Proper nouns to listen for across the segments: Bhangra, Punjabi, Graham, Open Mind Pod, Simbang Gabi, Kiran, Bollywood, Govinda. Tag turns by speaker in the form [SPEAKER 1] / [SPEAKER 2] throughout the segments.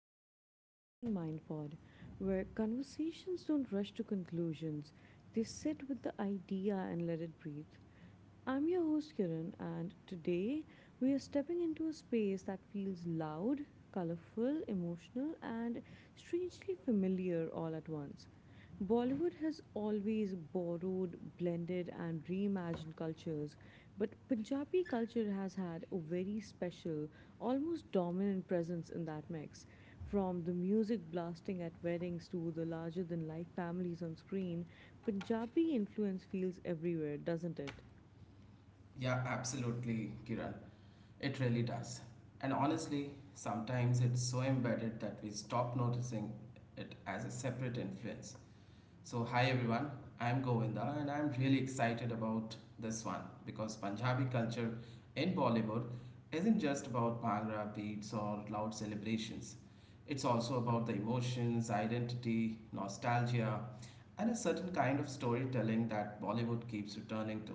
[SPEAKER 1] back to the Open Mind Pod, where conversations don't rush to conclusions, they sit with the idea and let it breathe. I'm your host Kiran, and today we are stepping into a space that feels loud, colorful, emotional, and strangely familiar all at once. Bollywood has always borrowed, blended, and reimagined cultures, but Punjabi culture has had a very special, almost dominant presence in that mix. From the music blasting at weddings to the larger than life families on screen, Punjabi influence feels everywhere, doesn't it?
[SPEAKER 2] Yeah, absolutely, Kiran. It really does. And honestly, sometimes it's so embedded that we stop noticing it as a separate influence. Hi everyone, I'm Govinda and I'm really excited about this one because Punjabi culture in Bollywood isn't just about Bhangra beats or loud celebrations. It's also about the emotions, identity, nostalgia, and a certain kind of storytelling that Bollywood keeps returning to.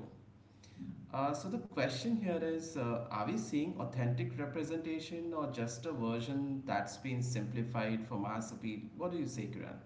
[SPEAKER 2] So the question here is, are we seeing authentic representation or just a version that's been simplified for mass appeal? What do you say, Kiran?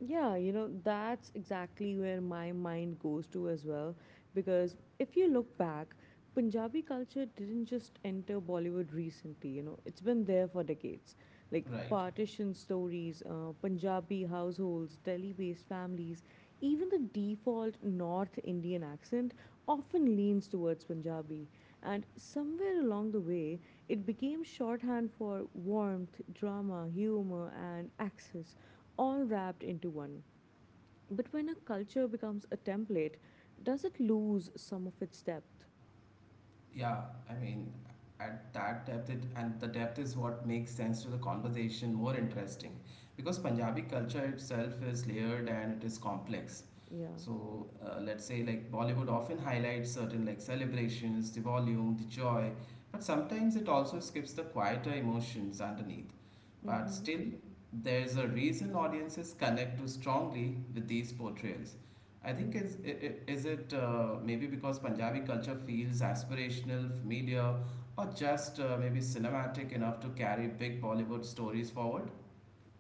[SPEAKER 1] Yeah, you know, that's exactly where my mind goes to as well. Because if you look back, Punjabi culture didn't just enter Bollywood recently, you know, it's been there for decades. Like
[SPEAKER 2] Right.
[SPEAKER 1] partition stories, Punjabi households, Delhi based families, even the default North Indian accent often leans towards Punjabi. And somewhere along the way, it became shorthand for warmth, drama, humor, and access all wrapped into one. But when a culture becomes a template, does it lose some of its depth?
[SPEAKER 2] Yeah, I mean, at that depth, and the depth is what makes sense to the conversation more interesting because Punjabi culture itself is layered and it is complex.
[SPEAKER 1] Yeah.
[SPEAKER 2] So, let's say like Bollywood often highlights certain like celebrations, the volume, the joy, but sometimes it also skips the quieter emotions underneath. But
[SPEAKER 1] Mm-hmm.
[SPEAKER 2] still, there's a reason audiences connect too strongly with these portrayals. I think is I- is it maybe because Punjabi culture feels aspirational, familiar, or just maybe cinematic enough to carry big Bollywood stories forward?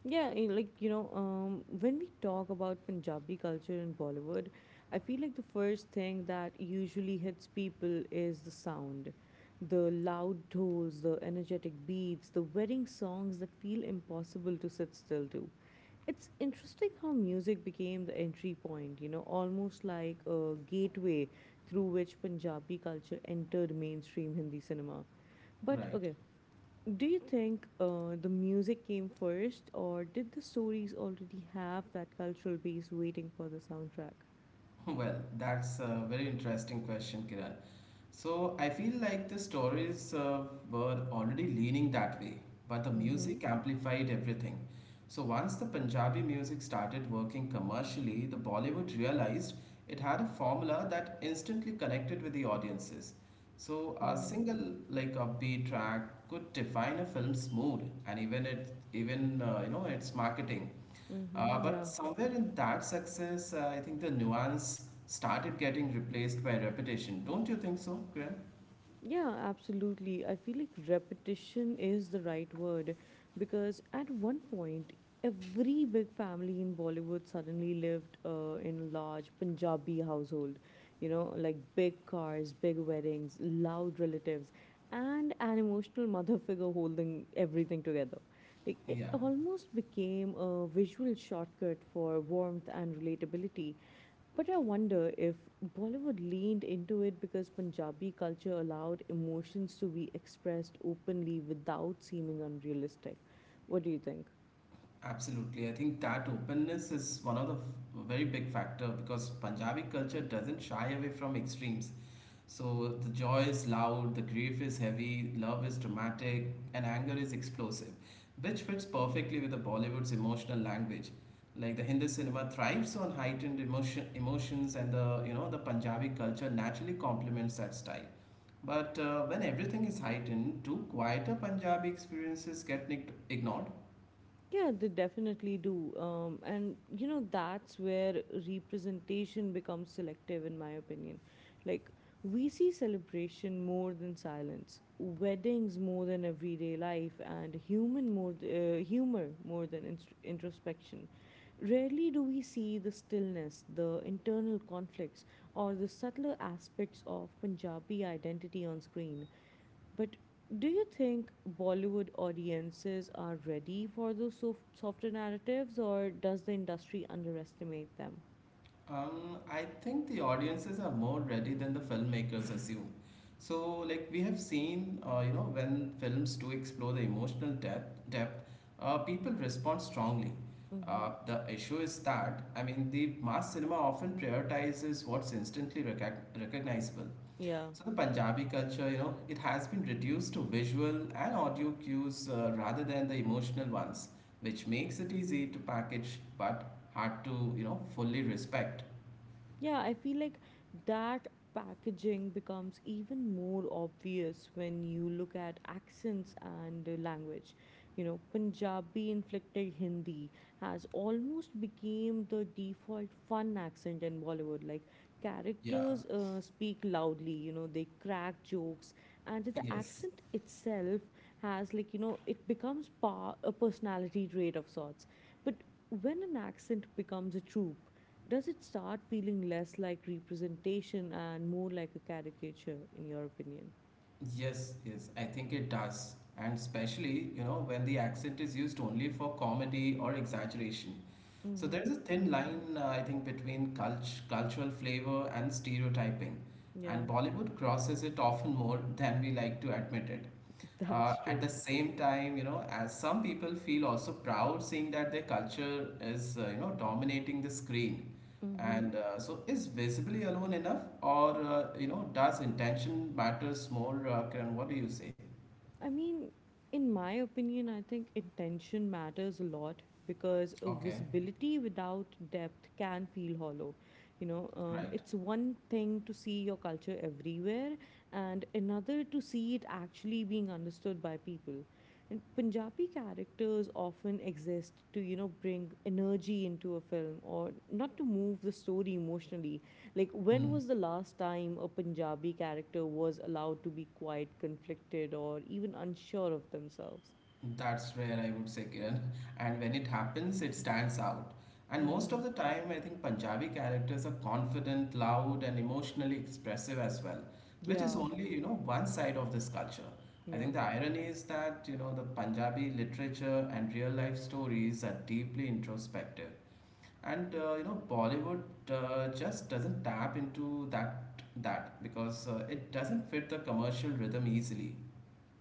[SPEAKER 1] When we talk about Punjabi culture in Bollywood, I feel like the first thing that usually hits people is the sound. The loud tolls, the energetic beats, the wedding songs that feel impossible to sit still to. It's interesting how music became the entry point, you know, almost like a gateway through which Punjabi culture entered mainstream Hindi cinema. But
[SPEAKER 2] Right.
[SPEAKER 1] okay, do you think the music came first, or did the stories already have that cultural base waiting for the soundtrack?
[SPEAKER 2] Well, that's a very interesting question, Kiran. So I feel like the stories were already leaning that way, but the
[SPEAKER 1] Mm-hmm.
[SPEAKER 2] music amplified everything. So once the Punjabi music started working commercially, the Bollywood realized it had a formula that instantly connected with the audiences. So a
[SPEAKER 1] Mm-hmm.
[SPEAKER 2] single like upbeat track could define a film's mood and even you know, its marketing.
[SPEAKER 1] Mm-hmm.
[SPEAKER 2] But
[SPEAKER 1] Yeah.
[SPEAKER 2] somewhere in that success, I think the nuance started getting replaced by repetition. Don't you think so, Graham?
[SPEAKER 1] Yeah, absolutely. I feel like repetition is the right word because at one point, every big family in Bollywood suddenly lived in a large Punjabi household. You know, like big cars, big weddings, loud relatives, and an emotional mother figure holding everything together. Like it
[SPEAKER 2] Yeah,
[SPEAKER 1] almost became a visual shortcut for warmth and relatability. But I wonder if Bollywood leaned into it because Punjabi culture allowed emotions to be expressed openly without seeming unrealistic. What do you think?
[SPEAKER 2] absolutely. I think that openness is one of the very big factor because Punjabi culture doesn't shy away from extremes. So the joy is loud, the grief is heavy, love is dramatic, and anger is explosive, which fits perfectly with the Bollywood's emotional language. Like the Hindi cinema thrives on heightened emotions, and the you know the Punjabi culture naturally complements that style. But when everything is heightened, too quieter Punjabi experiences ignored.
[SPEAKER 1] Yeah, they definitely do. And, you know, that's where representation becomes selective, in my opinion. Like, we see celebration more than silence, weddings more than everyday life, and humor more than introspection. Rarely do we see the stillness, the internal conflicts, or the subtler aspects of Punjabi identity on screen. But do you think Bollywood audiences are ready for those softer narratives, or does the industry underestimate them?
[SPEAKER 2] I think the audiences are more ready than the filmmakers assume. So, like we have seen, you know, when films do explore the emotional depth, people respond strongly.
[SPEAKER 1] Mm-hmm.
[SPEAKER 2] The issue is that, the mass cinema often prioritizes what's instantly recognizable.
[SPEAKER 1] Yeah.
[SPEAKER 2] So, the Punjabi culture, you know, it has been reduced to visual and audio cues rather than the emotional ones, which makes it easy to package but hard to, you know, fully respect.
[SPEAKER 1] Yeah, I feel like that packaging becomes even more obvious when you look at accents and language. You know, Punjabi inflected Hindi has almost became the default fun accent in Bollywood. Like
[SPEAKER 2] Yeah,
[SPEAKER 1] characters speak loudly, you know, they crack jokes and the
[SPEAKER 2] yes,
[SPEAKER 1] accent itself has like, you know, it becomes a personality trait of sorts. But when an accent becomes a trope, does it start feeling less like representation and more like a caricature, in your opinion?
[SPEAKER 2] yes, yes. I think it does. And especially, you know, when the accent is used only for comedy or exaggeration. So
[SPEAKER 1] Mm-hmm.
[SPEAKER 2] there is a thin line, I think, between cultural flavor and stereotyping. And
[SPEAKER 1] Yeah,
[SPEAKER 2] Bollywood crosses it often more than we like to admit it.
[SPEAKER 1] that's
[SPEAKER 2] At
[SPEAKER 1] true.
[SPEAKER 2] the same time, you know, as some people feel also proud seeing that their culture is, you know, dominating the screen.
[SPEAKER 1] Mm-hmm.
[SPEAKER 2] And so is visibly alone enough or, you know, does intention matters more? Kiran, what do you say?
[SPEAKER 1] I mean, in my opinion, I think intention matters a lot because a
[SPEAKER 2] Okay,
[SPEAKER 1] visibility without depth can feel hollow.
[SPEAKER 2] right.
[SPEAKER 1] It's one thing to see your culture everywhere, and another to see it actually being understood by people. And Punjabi characters often exist to, you know, bring energy into a film or not to move the story emotionally. Like, when
[SPEAKER 2] Hmm.
[SPEAKER 1] was the last time a Punjabi character was allowed to be quite conflicted or even unsure of themselves?
[SPEAKER 2] That's rare, I would say, Kiran. And when it happens, it stands out. And most
[SPEAKER 1] Mm-hmm.
[SPEAKER 2] of the time, I think Punjabi characters are confident, loud, and emotionally expressive as well, which is
[SPEAKER 1] Yeah,
[SPEAKER 2] only, you know, one side of this culture. I
[SPEAKER 1] yeah.
[SPEAKER 2] think the irony is that, you know, the Punjabi literature and real life stories are deeply introspective. And, you know, Bollywood just doesn't tap into that because it doesn't fit the commercial rhythm easily.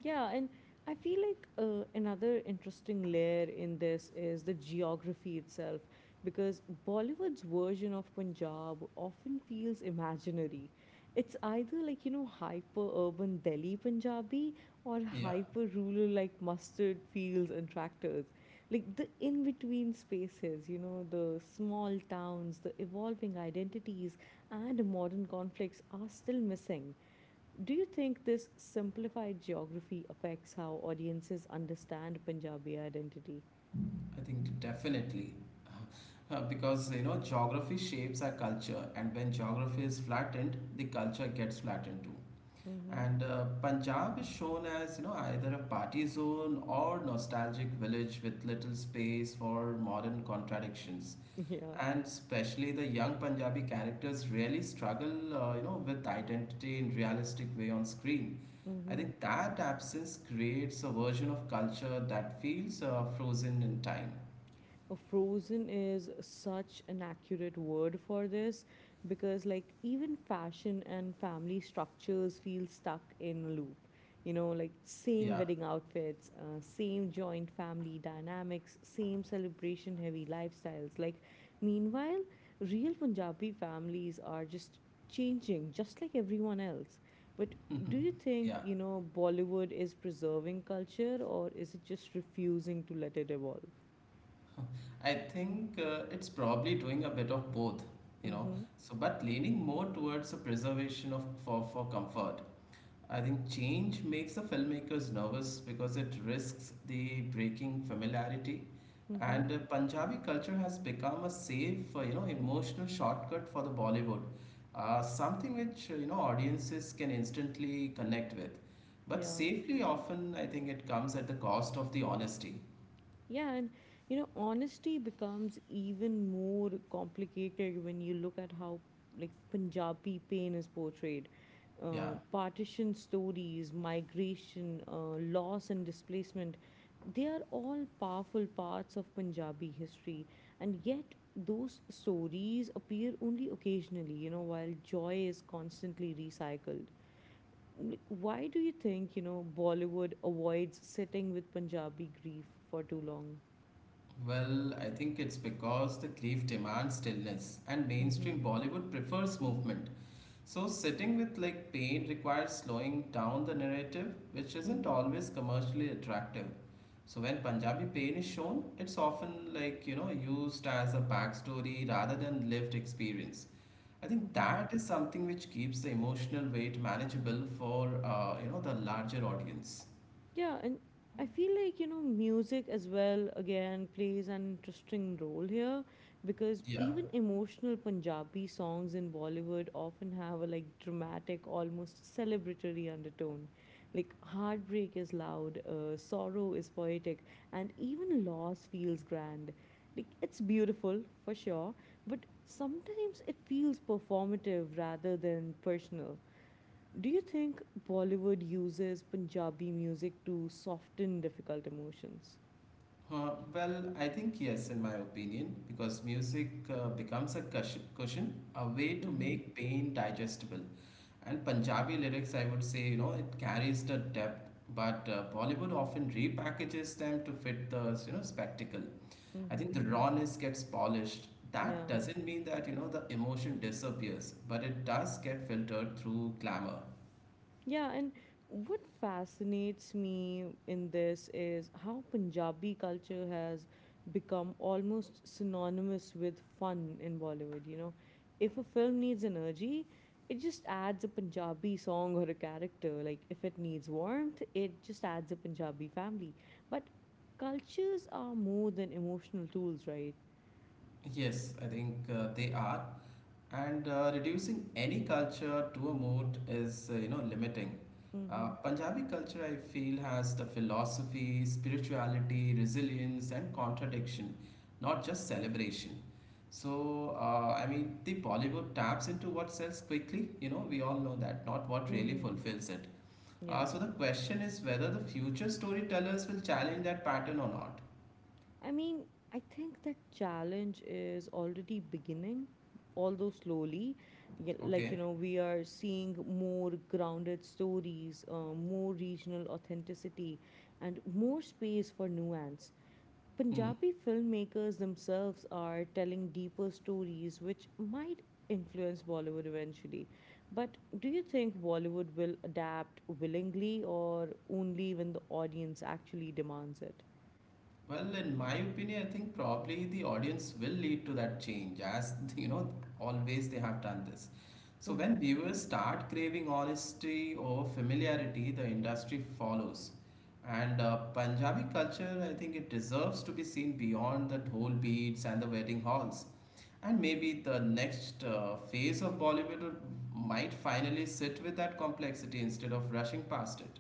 [SPEAKER 1] Yeah, and I feel like another interesting layer in this is the geography itself, because Bollywood's version of Punjab often feels imaginary. It's either like, you know, hyper urban Delhi Punjabi or
[SPEAKER 2] Yeah.
[SPEAKER 1] hyper rural like mustard fields and tractors. Like the in between spaces, you know, the small towns, the evolving identities, and modern conflicts are still missing do you think this simplified geography affects how audiences understand Punjabi identity?
[SPEAKER 2] I think definitely. Because you know, geography shapes our culture, and when geography is flattened, the culture gets flattened too,
[SPEAKER 1] Mm-hmm.
[SPEAKER 2] and punjab is shown as you know either a party zone or nostalgic village with little space for modern contradictions,
[SPEAKER 1] Yeah.
[SPEAKER 2] and especially the young punjabi characters really struggle you know, with identity in realistic way on screen. I
[SPEAKER 1] Mm-hmm.
[SPEAKER 2] think that absence creates a version of culture that feels frozen in time.
[SPEAKER 1] Frozen is such an accurate word for this because, like, even fashion and family structures feel stuck in a loop. You know, like, same
[SPEAKER 2] Yeah,
[SPEAKER 1] wedding outfits, same joint family dynamics, same celebration heavy lifestyles. Like, meanwhile, real Punjabi families are just changing, just like everyone else. But do you think,
[SPEAKER 2] yeah.
[SPEAKER 1] you know, Bollywood is preserving culture or is it just refusing to let it evolve?
[SPEAKER 2] I think it's probably doing a bit of both, you know.
[SPEAKER 1] Mm-hmm.
[SPEAKER 2] So, but leaning more towards the preservation of for comfort. I think change makes the filmmakers nervous because it risks the breaking familiarity.
[SPEAKER 1] Mm-hmm.
[SPEAKER 2] And Punjabi culture has become a safe, you know, emotional shortcut for the Bollywood. Something which, you know, audiences can instantly connect with. But
[SPEAKER 1] Yeah.
[SPEAKER 2] safely often, I think it comes at the cost of the honesty.
[SPEAKER 1] Yeah, and you know, honesty becomes even more complicated when you look at how like Punjabi pain is portrayed.
[SPEAKER 2] Yeah.
[SPEAKER 1] Partition stories, migration, loss and displacement, they are all powerful parts of Punjabi history. And yet, those stories appear only occasionally, you know, while joy is constantly recycled. Like, why do you think, you know, Bollywood avoids sitting with Punjabi grief for too long?
[SPEAKER 2] Well, I think it's because the grief demands stillness, and
[SPEAKER 1] Mm-hmm.
[SPEAKER 2] mainstream Bollywood prefers movement. So, sitting with like pain requires slowing down the narrative, which isn't
[SPEAKER 1] Mm-hmm.
[SPEAKER 2] always commercially attractive. So, when Punjabi pain is shown, it's often like you know used as a backstory rather than lived experience. I think
[SPEAKER 1] Mm-hmm.
[SPEAKER 2] that is something which keeps the emotional weight manageable for you know, the larger audience.
[SPEAKER 1] Yeah, and I feel like, you know, music as well, again, plays an interesting role here because
[SPEAKER 2] Yeah.
[SPEAKER 1] even emotional Punjabi songs in Bollywood often have a like dramatic, almost celebratory undertone. Like, heartbreak is loud, sorrow is poetic, and even loss feels grand. Like, it's beautiful for sure, but sometimes it feels performative rather than personal. Do you think Bollywood uses Punjabi music to soften difficult emotions?
[SPEAKER 2] Well, I think yes, in my opinion, because music becomes a cushion, a way to
[SPEAKER 1] Mm-hmm.
[SPEAKER 2] make pain digestible. And Punjabi lyrics, I would say, you know, it carries the depth, but Bollywood often repackages them to fit the, you know, spectacle. I think
[SPEAKER 1] Mm-hmm.
[SPEAKER 2] the rawness gets polished. That
[SPEAKER 1] Yeah.
[SPEAKER 2] doesn't mean that, you know, the emotion disappears, but it does get filtered through glamour.
[SPEAKER 1] Yeah, and what fascinates me in this is how Punjabi culture has become almost synonymous with fun in Bollywood. You know, if a film needs energy, it just adds a Punjabi song or a character. Like, if it needs warmth, it just adds a Punjabi family. But cultures are more than emotional tools, right?
[SPEAKER 2] Yes, I think they are. And reducing any culture to a mode is, you know, limiting.
[SPEAKER 1] Mm hmm.
[SPEAKER 2] Punjabi culture, I feel, has the philosophy, spirituality, resilience, and contradiction, not just celebration. So, the Bollywood taps into what sells quickly. You know, we all know that, not what
[SPEAKER 1] Mm
[SPEAKER 2] really
[SPEAKER 1] hmm.
[SPEAKER 2] fulfills it.
[SPEAKER 1] Yeah.
[SPEAKER 2] So the question is whether the future storytellers will challenge that pattern or not.
[SPEAKER 1] I mean, I think that challenge is already beginning, although slowly. Like, you
[SPEAKER 2] Okay.
[SPEAKER 1] know, we are seeing more grounded stories, more regional authenticity, and more space for nuance.
[SPEAKER 2] Hmm.
[SPEAKER 1] Punjabi filmmakers themselves are telling deeper stories which might influence Bollywood eventually. But do you think Bollywood will adapt willingly or only when the audience actually demands it?
[SPEAKER 2] Well, in my opinion, I think probably the audience will lead to that change as you know, always they have done this. So when
[SPEAKER 1] Mm-hmm.
[SPEAKER 2] viewers start craving honesty or familiarity, the industry follows. And Punjabi culture, I think it deserves to be seen beyond the dhol beats and the wedding halls. And maybe the next phase of Bollywood would- might finally sit with that complexity instead of rushing past it.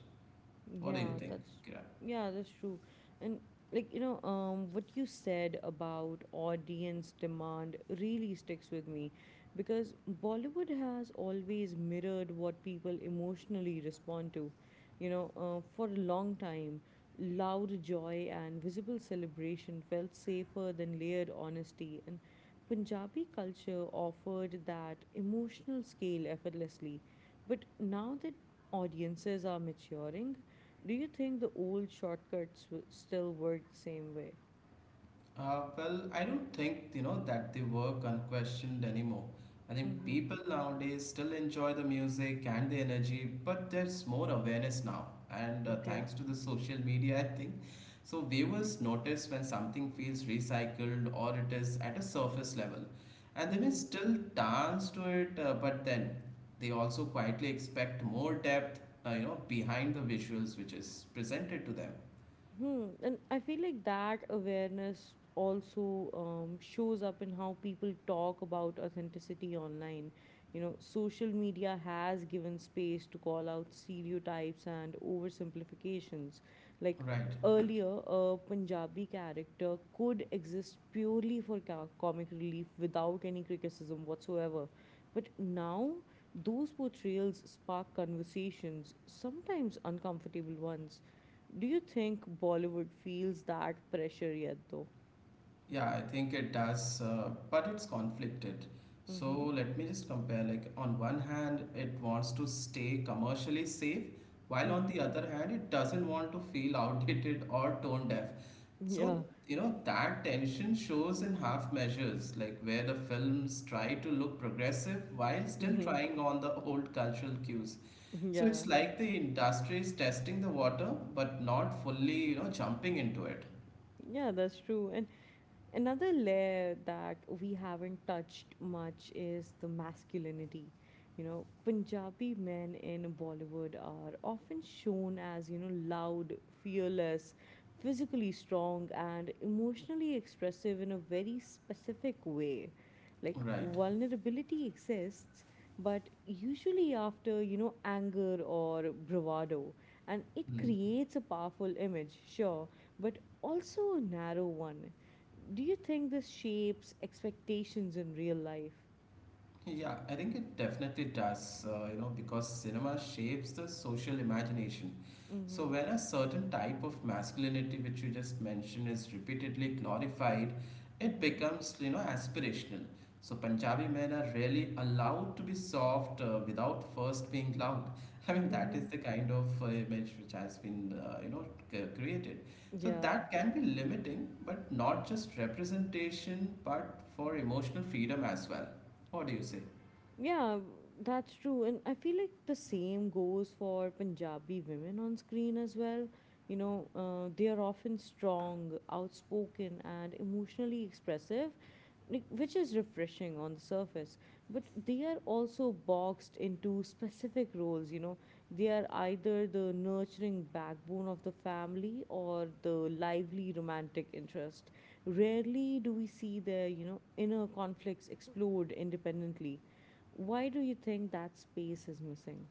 [SPEAKER 2] What do you
[SPEAKER 1] Yeah,
[SPEAKER 2] think,
[SPEAKER 1] that's
[SPEAKER 2] Kiran?
[SPEAKER 1] yeah, that's true. And what you said about audience demand really sticks with me because Bollywood has always mirrored what people emotionally respond to. You know, for a long time, loud joy and visible celebration felt safer than layered honesty, and Punjabi culture offered that emotional scale effortlessly. But now that audiences are maturing, do you think the old shortcuts still work the same way?
[SPEAKER 2] Well, I don't think you know that they work unquestioned anymore. I think
[SPEAKER 1] Mm-hmm.
[SPEAKER 2] people nowadays still enjoy the music and the energy, but there's more awareness now. And
[SPEAKER 1] Okay.
[SPEAKER 2] thanks to the social media, I think. So viewers notice when something feels recycled or it is at a surface level. And they may
[SPEAKER 1] Mm-hmm.
[SPEAKER 2] still dance to it, but then they also quietly expect more depth, you know, behind the visuals which is presented to them.
[SPEAKER 1] Hmm. And I feel like that awareness also shows up in how people talk about authenticity online. You know, social media has given space to call out stereotypes and oversimplifications. Like
[SPEAKER 2] Right.
[SPEAKER 1] earlier, a Punjabi character could exist purely for comic relief without any criticism whatsoever. But now, those portrayals spark conversations, sometimes uncomfortable ones. Do you think Bollywood feels that pressure yet, though?
[SPEAKER 2] Yeah, I think it does, but it's conflicted. So
[SPEAKER 1] Mm-hmm.
[SPEAKER 2] let me just compare. Like, on one hand, it wants to stay commercially safe, while on
[SPEAKER 1] Mm-hmm.
[SPEAKER 2] the other hand, it doesn't want to feel outdated or tone deaf.
[SPEAKER 1] Yeah.
[SPEAKER 2] So, you know, that tension shows in half measures, like where the films try to look progressive while still
[SPEAKER 1] Mm-hmm.
[SPEAKER 2] trying on the old cultural cues. So
[SPEAKER 1] Yeah.
[SPEAKER 2] it's like the industry is testing the water, but not fully, you know, jumping into it.
[SPEAKER 1] Yeah, that's true. And another layer that we haven't touched much is the masculinity. You know, Punjabi men in Bollywood are often shown as, you know, loud, fearless, physically strong, and emotionally expressive in a very specific way. Like,
[SPEAKER 2] Right.
[SPEAKER 1] vulnerability exists, but usually after, you know, anger or bravado. And it
[SPEAKER 2] Hmm.
[SPEAKER 1] creates a powerful image, sure, but also a narrow one do you think this shapes expectations in real life?
[SPEAKER 2] Yeah, I think it definitely does, you know, because cinema shapes the social imagination. So,
[SPEAKER 1] Mm-hmm.
[SPEAKER 2] when a certain type of masculinity, which you just mentioned, is repeatedly glorified, it
[SPEAKER 1] Mm-hmm.
[SPEAKER 2] becomes, you know, aspirational. So, Punjabi men are really allowed to be soft without first being loud. I mean, that is
[SPEAKER 1] Mm-hmm.
[SPEAKER 2] the kind of image which has been, you know, created. So,
[SPEAKER 1] Yeah.
[SPEAKER 2] that can be limiting, but not just representation, but for emotional freedom as well. What do you say?
[SPEAKER 1] Yeah, that's true. And I feel like the same goes for Punjabi women on screen as well. You know, they are often strong, outspoken, and emotionally expressive, like, which is refreshing on the surface. But they are also boxed into specific roles. You know, they are either the nurturing backbone of the family or the lively romantic interest. Rarely do we see their, you know, inner conflicts explored independently. Why do you think that space is missing?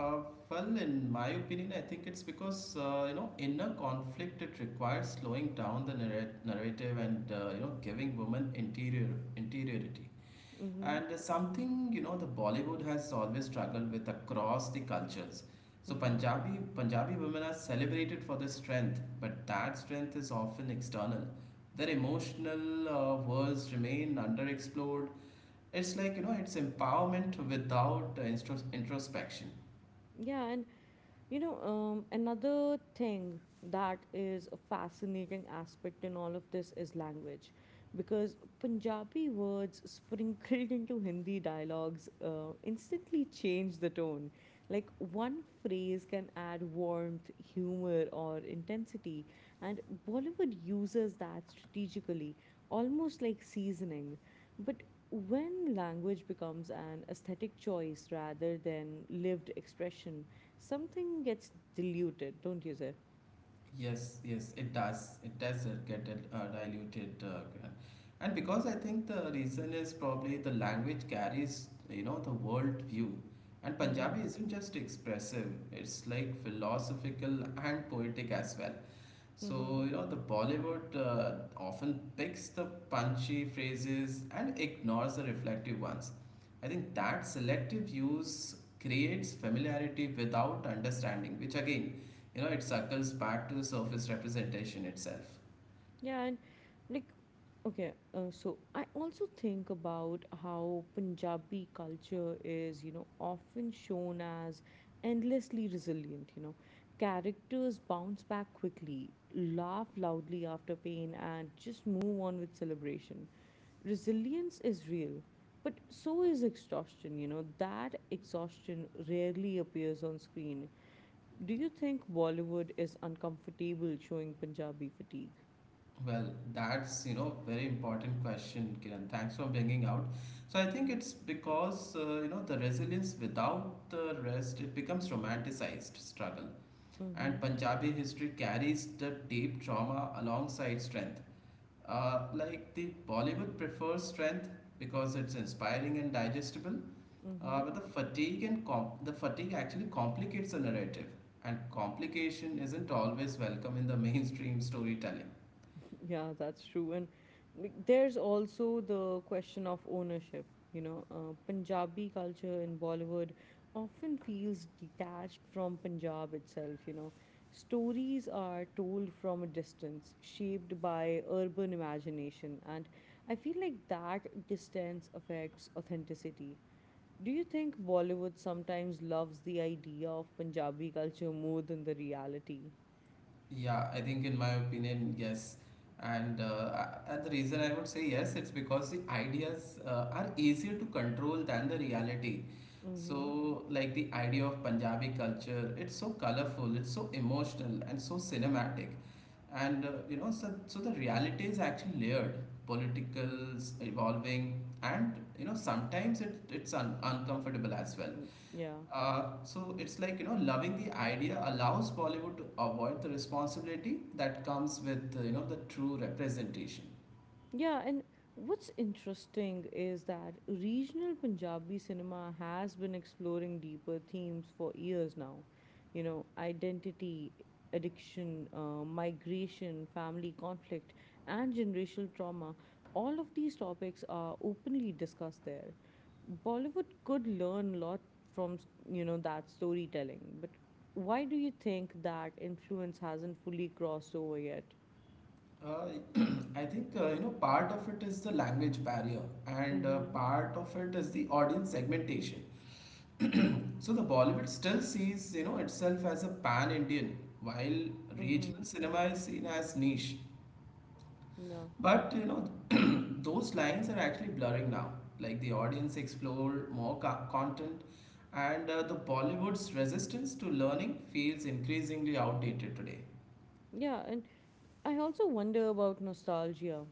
[SPEAKER 2] Uh, well, in my opinion, I think it's because you know, inner conflict it requires slowing down the narrative, and you know, giving women interiority,
[SPEAKER 1] Mm-hmm.
[SPEAKER 2] and something you know the Bollywood has always struggled with across the cultures. So
[SPEAKER 1] Mm-hmm.
[SPEAKER 2] Punjabi women are celebrated for their strength, but that strength is often external. Their emotional worlds remain underexplored. It's like you know it's empowerment without introspection.
[SPEAKER 1] Yeah, and another thing that is a fascinating aspect in all of this is language, because Punjabi words sprinkled into Hindi dialogues instantly change the tone. Like one phrase can add warmth, humor, or intensity, and Bollywood uses that strategically, almost like seasoning. But when language becomes an aesthetic choice rather than lived expression, something gets diluted, don't you say?
[SPEAKER 2] Yes, yes, it does. It does get diluted, and because I think the reason is probably the language carries, you know, the world view, and
[SPEAKER 1] Mm-hmm.
[SPEAKER 2] Punjabi isn't just expressive; it's like philosophical and poetic as well.
[SPEAKER 1] Mm-hmm.
[SPEAKER 2] So, you know, the Bollywood often picks the punchy phrases and ignores the reflective ones. I think that selective use creates familiarity without understanding, which again, you know, it circles back to the surface representation itself.
[SPEAKER 1] Yeah, and like, okay, so I also think about how Punjabi culture is, you know, often shown as endlessly resilient, you know. Characters bounce back quickly, laugh loudly after pain, and just move on with celebration. Resilience is real, but so is exhaustion, you know. That exhaustion rarely appears on screen. Do you think Bollywood is uncomfortable showing Punjabi fatigue?
[SPEAKER 2] Well, that's, you know, very important question, Kiran. Thanks for bringing out. So I think it's because, you know, the resilience without the rest, it becomes romanticized struggle. And
[SPEAKER 1] Mm-hmm.
[SPEAKER 2] Punjabi history carries the deep trauma alongside strength. Like the Bollywood prefers strength because it's inspiring and digestible,
[SPEAKER 1] Mm-hmm.
[SPEAKER 2] but the fatigue and the fatigue actually complicates the narrative, and complication isn't always welcome in the mainstream storytelling.
[SPEAKER 1] Yeah, that's true. And like, there's also the question of ownership. You know, Punjabi culture in Bollywood often feels detached from Punjab itself. You know, stories are told from a distance, shaped by urban imagination. And I feel like that distance affects authenticity. Do you think Bollywood sometimes loves the idea of Punjabi culture more than the reality?
[SPEAKER 2] Yeah, I think in my opinion, yes. And the reason I would say yes, it's because the ideas are easier to control than the reality.
[SPEAKER 1] Mm-hmm.
[SPEAKER 2] So, like the idea of Punjabi culture, it's so colorful, it's so emotional, and so cinematic. And you know, so the reality is actually layered, political, evolving, and you know, sometimes it's uncomfortable as well.
[SPEAKER 1] Mm, yeah.
[SPEAKER 2] So it's like you know loving the idea allows Bollywood to avoid the responsibility that comes with you know the true representation.
[SPEAKER 1] Yeah, and what's interesting is that regional Punjabi cinema has been exploring deeper themes for years now. You know, identity, addiction, migration, family conflict, and generational trauma. All of these topics are openly discussed there. Bollywood could learn a lot from, you know, that storytelling. But why do you think that influence hasn't fully crossed over yet?
[SPEAKER 2] Uh, I think you know part of it is the language barrier and
[SPEAKER 1] Mm-hmm.
[SPEAKER 2] part of it is the audience segmentation. So the Bollywood still sees you know itself as a pan Indian while
[SPEAKER 1] Mm-hmm.
[SPEAKER 2] regional cinema is seen as niche.
[SPEAKER 1] Yeah.
[SPEAKER 2] But you know, those lines are actually blurring now. Like the audience explore more content, and the Bollywood's resistance to learning feels increasingly outdated today.
[SPEAKER 1] Yeah, and I also wonder about nostalgia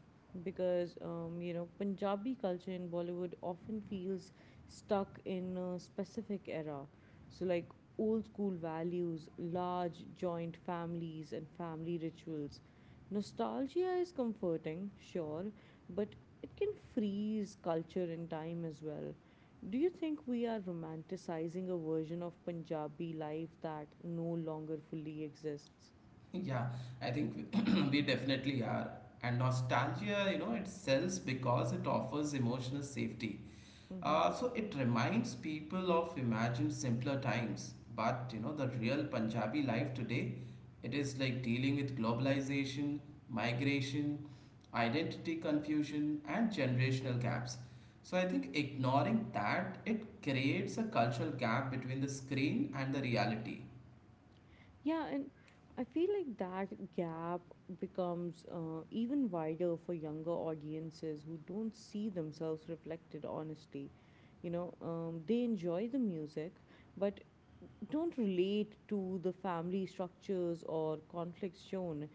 [SPEAKER 1] because, you know, Punjabi culture in Bollywood often feels stuck in a specific era. So, like old school values, large joint families, and family rituals. Nostalgia is comforting, sure, but it can freeze culture in time as well. Do you think we are romanticizing a version of Punjabi life that no longer fully exists?
[SPEAKER 2] Yeah, I think we definitely are. And nostalgia, you know, it sells because it offers emotional safety.
[SPEAKER 1] Mm-hmm.
[SPEAKER 2] So it reminds people of imagined simpler times. But you know, the real Punjabi life today, it is like dealing with globalization, migration, identity confusion, and generational gaps. So I think ignoring that, it creates a cultural gap between the screen and the reality.
[SPEAKER 1] Yeah, and I feel like that gap becomes even wider for younger audiences who don't see themselves reflected honestly. You know, they enjoy the music, but don't relate to the family structures or conflicts shown.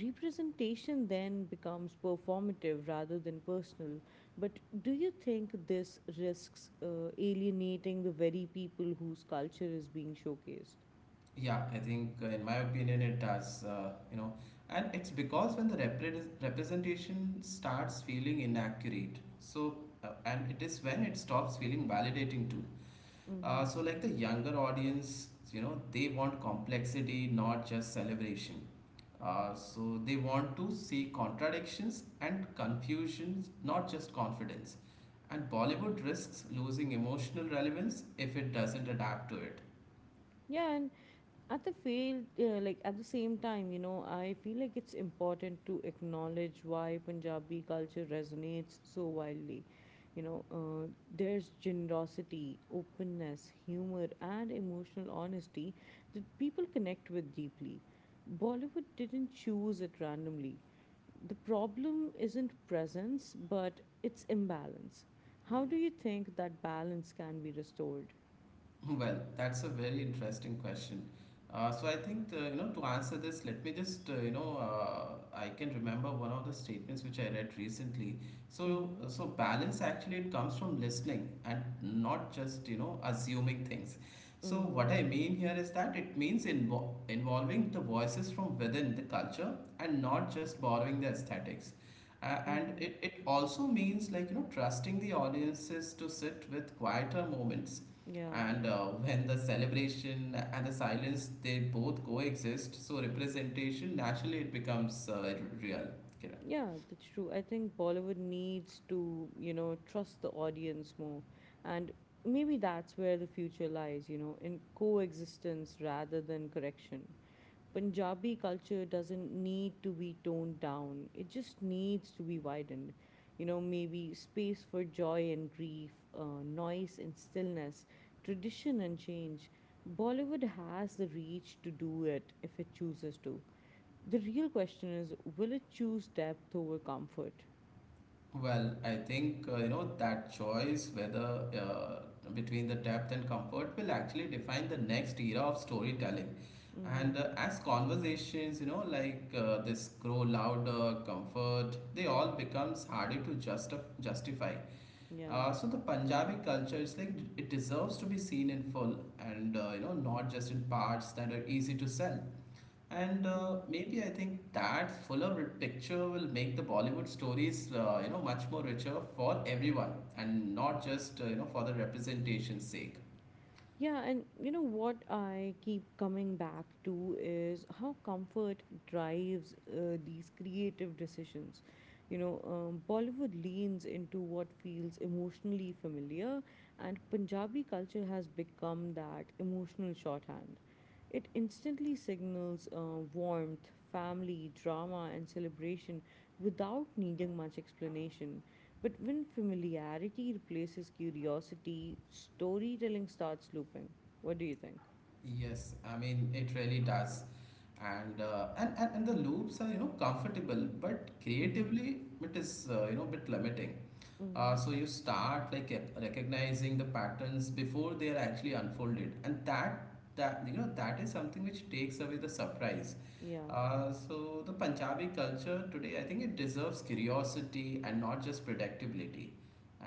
[SPEAKER 1] Representation then becomes performative rather than personal. But do you think this risks alienating the very people whose culture is being showcased?
[SPEAKER 2] Yeah, I think in my opinion it does, you know, and it's because when the representation starts feeling inaccurate, so and it is when it stops feeling validating too. Uh,
[SPEAKER 1] Mm-hmm.
[SPEAKER 2] so like the younger audience, you know, they want complexity, not just celebration. So they want to see contradictions and confusions, not just confidence. And Bollywood risks losing emotional relevance if it doesn't adapt to it.
[SPEAKER 1] Yeah, and at the field, like at the same time, you know, I feel like it's important to acknowledge why Punjabi culture resonates so wildly. You know, there's generosity, openness, humor, and emotional honesty that people connect with deeply. Bollywood didn't choose it randomly. The problem isn't presence, but it's imbalance. How do you think that balance can be restored?
[SPEAKER 2] Well, that's a very interesting question. So I think the, you know to answer this, let me just you know I can remember one of the statements which I read recently. So
[SPEAKER 1] Mm-hmm.
[SPEAKER 2] uh, so balance actually it comes from listening and not just you know assuming things. So
[SPEAKER 1] Mm-hmm.
[SPEAKER 2] what I mean here is that it means involving the voices from within the culture and not just borrowing the aesthetics. And
[SPEAKER 1] Mm-hmm.
[SPEAKER 2] it also means like you know trusting the audiences to sit with quieter moments
[SPEAKER 1] Yeah,
[SPEAKER 2] and when the celebration and the silence they both coexist, so representation naturally it becomes real. Kiran.
[SPEAKER 1] yeah, that's true. I think Bollywood needs to, you know, trust the audience more. And maybe that's where the future lies, you know, in coexistence rather than correction. Punjabi culture doesn't need to be toned down, it just needs to be widened. You know, maybe space for joy and grief, noise and stillness, tradition and change. Bollywood has the reach to do it if it chooses to. The real question is will it choose depth over comfort?
[SPEAKER 2] Well, I think you know that choice whether between the depth and comfort will actually define the next era of storytelling. And
[SPEAKER 1] Hmm.
[SPEAKER 2] as conversations, you know, like this grow louder, comfort, they all becomes harder to justify.
[SPEAKER 1] Yeah.
[SPEAKER 2] So the Punjabi culture is like it deserves to be seen in full and you know not just in parts that are easy to sell. And
[SPEAKER 1] Hmm.
[SPEAKER 2] maybe I think that fuller picture will make the Bollywood stories you know much more richer for everyone and not just you know for the representation's sake.
[SPEAKER 1] Yeah, and you know what I keep coming back to is how comfort drives these creative decisions. You know, Bollywood leans into what feels emotionally familiar, and Punjabi culture has become that emotional shorthand. It instantly signals warmth, family, drama, and celebration without needing much explanation. But when familiarity replaces curiosity, storytelling starts looping. What do you think?
[SPEAKER 2] Yes, I mean it really does. And the loops are you know comfortable, but
[SPEAKER 1] Mm-hmm.
[SPEAKER 2] creatively it is you know bit limiting. uh,
[SPEAKER 1] Mm-hmm.
[SPEAKER 2] so you start like recognizing the patterns before they are actually unfolded and that you know that is something which takes away the surprise.
[SPEAKER 1] Yeah.
[SPEAKER 2] So the punjabi culture today I think it deserves curiosity and not just predictability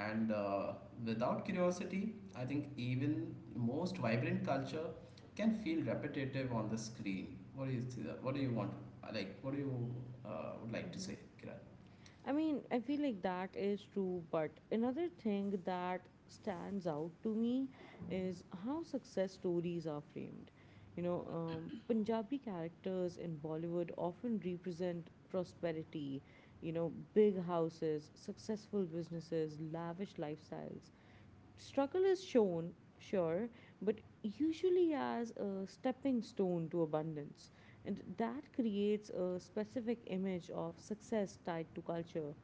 [SPEAKER 2] and without curiosity I think even most vibrant culture can feel repetitive on the screen. What do you see? What do you want like what do you would like to say, kiran?
[SPEAKER 1] I mean, I feel like that is true, but another thing that stands out to me is how success stories are framed. You know, Punjabi characters in Bollywood often represent prosperity, you know, big houses, successful businesses, lavish lifestyles. Struggle is shown, sure, but usually as a stepping stone to abundance. And that creates a specific image of success tied to culture.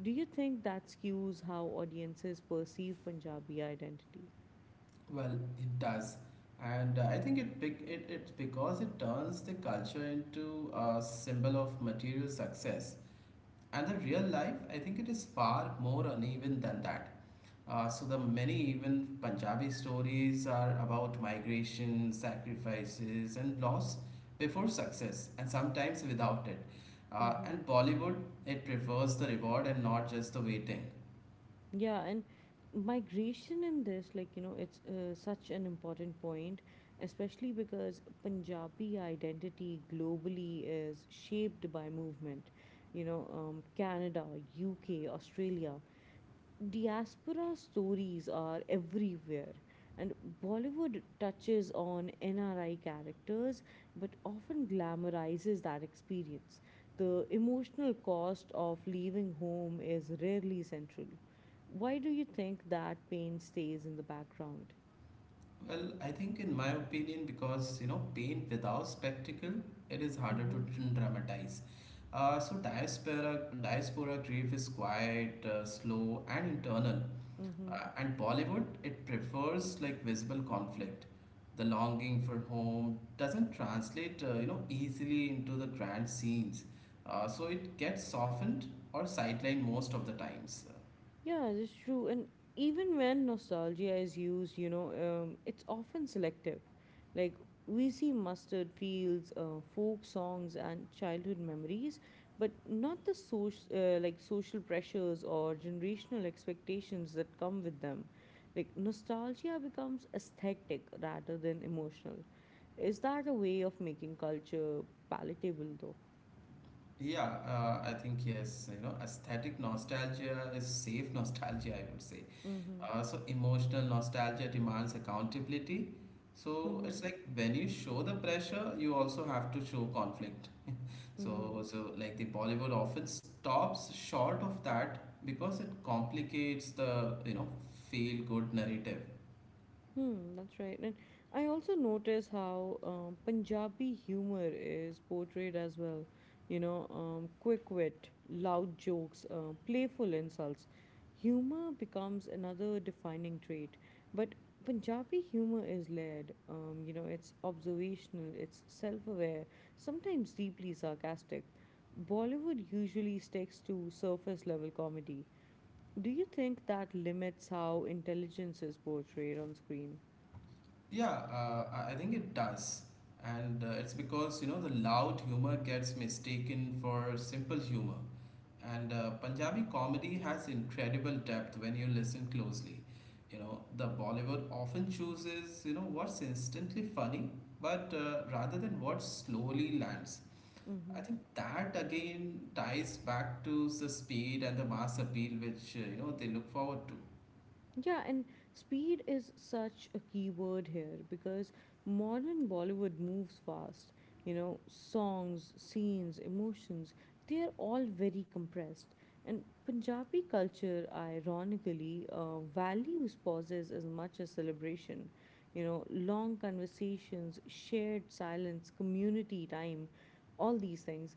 [SPEAKER 1] Do you think that skews how audiences perceive Punjabi identity?
[SPEAKER 2] Well, it does. And I think it it's because it turns the culture into a symbol of material success. And the real life, I think it is far more uneven than that. So the many even Punjabi stories are about migration, sacrifices, and loss before success, and sometimes without it. And Bollywood, it prefers the reward and not just the waiting.
[SPEAKER 1] Yeah, and migration in this, like, you know, it's such an important point, especially because Punjabi identity globally is shaped by movement. You know, Canada, UK, Australia, diaspora stories are everywhere and Bollywood touches on NRI characters but often glamorizes that experience. The emotional cost of leaving home is rarely central. Why do you think that pain stays in the background?
[SPEAKER 2] Well, I think in my opinion, because you know, paint without spectacle, it is harder to
[SPEAKER 1] Mm-hmm.
[SPEAKER 2] dramatize. So diaspora grief is quiet, slow, and internal. And Bollywood, it prefers like visible conflict. The longing for home doesn't translate, you know, easily into the grand scenes. So it gets softened or sidelined most of the times.
[SPEAKER 1] Yeah, that's true. And even when nostalgia is used, you know, it's often selective. Like we see mustard fields, folk songs, and childhood memories, but not the social, like social pressures or generational expectations that come with them. Like nostalgia becomes aesthetic rather than emotional. Is that a way of making culture palatable, though?
[SPEAKER 2] Yeah, I think yes, you know, aesthetic nostalgia is safe nostalgia, I would say.
[SPEAKER 1] Mm-hmm.
[SPEAKER 2] So emotional nostalgia demands accountability. So
[SPEAKER 1] Mm-hmm.
[SPEAKER 2] it's like when you show the pressure, you also have to show conflict.
[SPEAKER 1] Mm-hmm.
[SPEAKER 2] So like the Bollywood often stops short of that because it complicates the, you know, feel-good narrative.
[SPEAKER 1] Hmm, that's right. And I also notice how Punjabi humor is portrayed as well. You know, quick wit, loud jokes, playful insults. Humor becomes another defining trait. But Punjabi humor is layered. You know, it's observational, it's self aware, sometimes deeply sarcastic. Bollywood usually sticks to surface level comedy. Do you think that limits how intelligence is portrayed on screen?
[SPEAKER 2] Yeah, I think it does. And it's because, you know, the loud humor gets mistaken for simple humor. And Punjabi comedy has incredible depth when you listen closely. You know, the Bollywood often chooses, you know, what's instantly funny, but rather than what slowly lands. I
[SPEAKER 1] Mm-hmm.
[SPEAKER 2] think that again ties back to the speed and the mass appeal which, you know, they look forward to.
[SPEAKER 1] Yeah, and speed is such a key word here because modern Bollywood moves fast. You know, songs, scenes, emotions, they are all very compressed. And Punjabi culture, ironically, values pauses as much as celebration. You know, long conversations, shared silence, community time, all these things.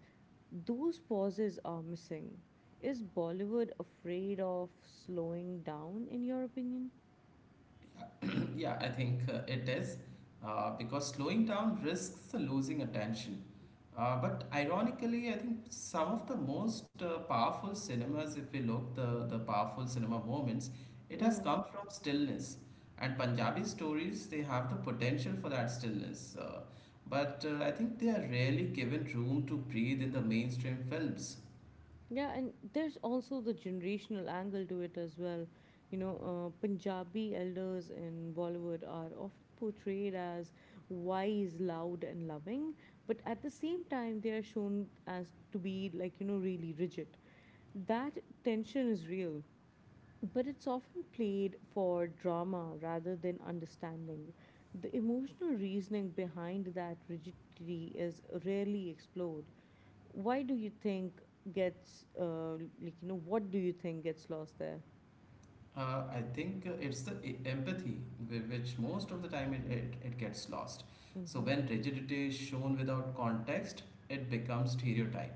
[SPEAKER 1] Those pauses are missing. Is Bollywood afraid of slowing down, in your opinion?
[SPEAKER 2] Yeah, I think it is because slowing down risks losing attention. But ironically, I think some of the most powerful cinemas, if we look the powerful cinema moments, it has
[SPEAKER 1] Mm-hmm.
[SPEAKER 2] come from stillness. And Punjabi stories, they have the potential for that stillness. But I think they are rarely given room to breathe in the mainstream films.
[SPEAKER 1] Yeah, and there's also the generational angle to it as well. You know, Punjabi elders in Bollywood are often portrayed as wise, loud, and loving, but at the same time, they are shown as to be like, you know, really rigid. That tension is real but it's often played for drama rather than understanding. The emotional reasoning behind that rigidity is rarely explored. Why do you think gets like you know what do you think gets lost there?
[SPEAKER 2] I think it's the empathy, which most of the time it gets lost. So
[SPEAKER 1] Mm-hmm.
[SPEAKER 2] when rigidity is shown without context, it becomes stereotype.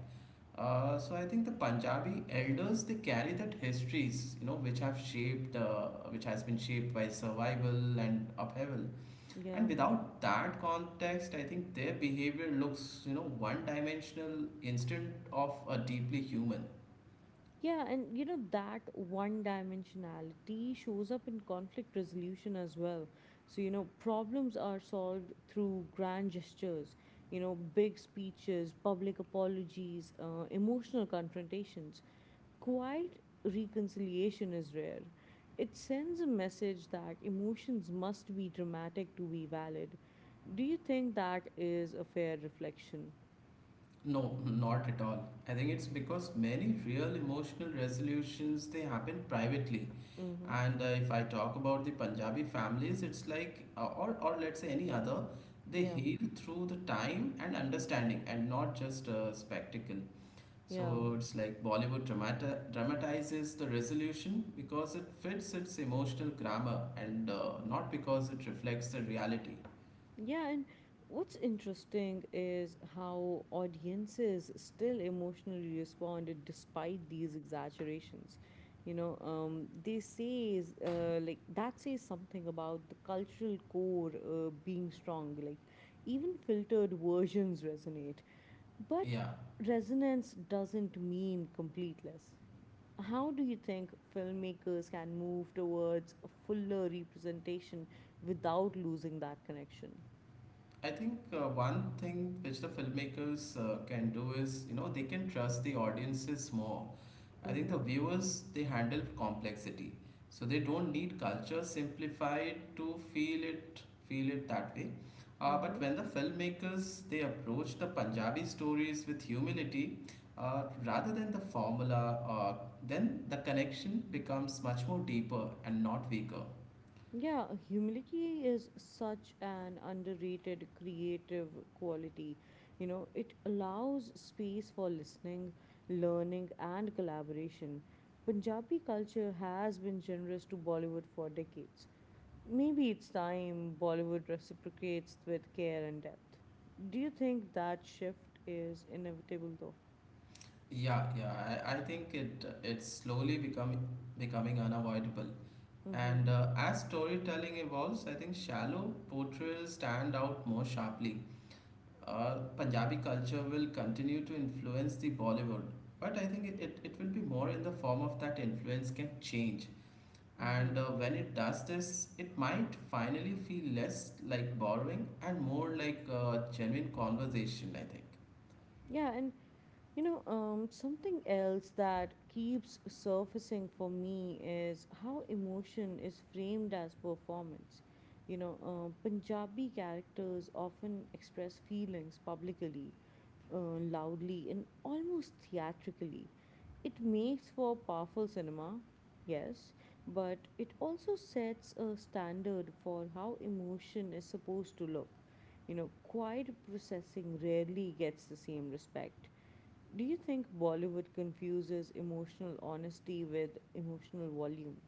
[SPEAKER 2] So I think the Punjabi elders they carry that histories, you know, which have shaped, which has been shaped by survival and upheaval.
[SPEAKER 1] Yeah.
[SPEAKER 2] And without that context, I think their behavior looks, you know, one-dimensional instead of a deeply human.
[SPEAKER 1] Yeah, and you know that one dimensionality shows up in conflict resolution as well. So, you know, problems are solved through grand gestures, you know, big speeches, public apologies, emotional confrontations. Quiet reconciliation is rare. It sends a message that emotions must be dramatic to be valid. Do you think that is a fair reflection?
[SPEAKER 2] No, not at all. I think it's because many real emotional resolutions they happen privately.
[SPEAKER 1] Mm-hmm.
[SPEAKER 2] And if I talk about the Punjabi families, it's like, or let's say any other, they
[SPEAKER 1] Yeah,
[SPEAKER 2] heal through the time and understanding and not just a spectacle.
[SPEAKER 1] yeah.
[SPEAKER 2] So it's like Bollywood dramata dramatizes the resolution because it fits its emotional grammar and not because it reflects the reality.
[SPEAKER 1] Yeah, and what's interesting is how audiences still emotionally responded despite these exaggerations. You know, they say like that says something about the cultural core being strong. Like even filtered versions resonate, but
[SPEAKER 2] Yeah.
[SPEAKER 1] resonance doesn't mean completeness. How do you think filmmakers can move towards a fuller representation without losing that connection?
[SPEAKER 2] I think one thing which the filmmakers can do is, you know, they can trust the audiences more. I think the
[SPEAKER 1] Mm-hmm.
[SPEAKER 2] viewers, they handle complexity. So they don't need culture simplified to feel it that way. But
[SPEAKER 1] Mm-hmm.
[SPEAKER 2] when the filmmakers, they approach the Punjabi stories with humility, rather than the formula, uh, then the connection becomes much more deeper and not weaker.
[SPEAKER 1] Yeah, humility is such an underrated creative quality. You know, it allows space for listening, learning, and collaboration. Punjabi culture has been generous to Bollywood for decades. Maybe it's time Bollywood reciprocates with care and depth. Do you think that shift is inevitable though?
[SPEAKER 2] Yeah, yeah. I think it it's slowly becoming becoming unavoidable.
[SPEAKER 1] Mm-hmm.
[SPEAKER 2] And as storytelling evolves, I think shallow portrayals stand out more sharply. Punjabi culture will continue to influence the Bollywood, but I think it will be more in the form of that influence can change.
[SPEAKER 1] Mm-hmm.
[SPEAKER 2] And when it does this, it might finally feel less like borrowing and more like a genuine conversation, I think.
[SPEAKER 1] Yeah, and you know, something else that keeps surfacing for me is how emotion is framed as performance. You know, Punjabi characters often express feelings publicly, loudly and almost theatrically. It makes for powerful cinema, yes, but it also sets a standard for how emotion is supposed to look. You know, quiet processing rarely gets the same respect. Do you think Bollywood confuses emotional honesty with emotional volume?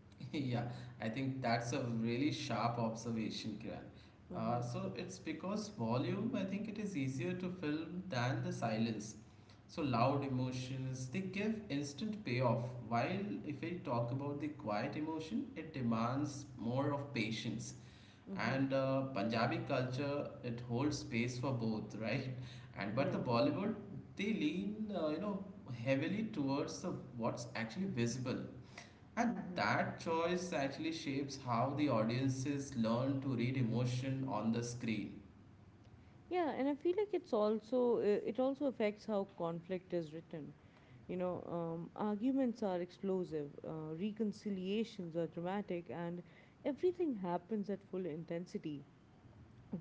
[SPEAKER 2] Yeah, I think that's a really sharp observation, Kiran. Uh,
[SPEAKER 1] Mm-hmm.
[SPEAKER 2] so it's because volume, I think it is easier to film than the silence. So loud emotions, they give instant payoff, while if we talk about the quiet emotion, it demands more of patience.
[SPEAKER 1] Mm-hmm.
[SPEAKER 2] And Punjabi culture, it holds space for both, right? And but the
[SPEAKER 1] Yeah.
[SPEAKER 2] Bollywood, they lean, you know, heavily towards the what's actually visible, and
[SPEAKER 1] Mm-hmm.
[SPEAKER 2] that choice actually shapes how the audiences learn to read emotion on the screen.
[SPEAKER 1] Yeah, and I feel like it's also it also affects how conflict is written. You know, arguments are explosive, reconciliations are dramatic, and everything happens at full intensity.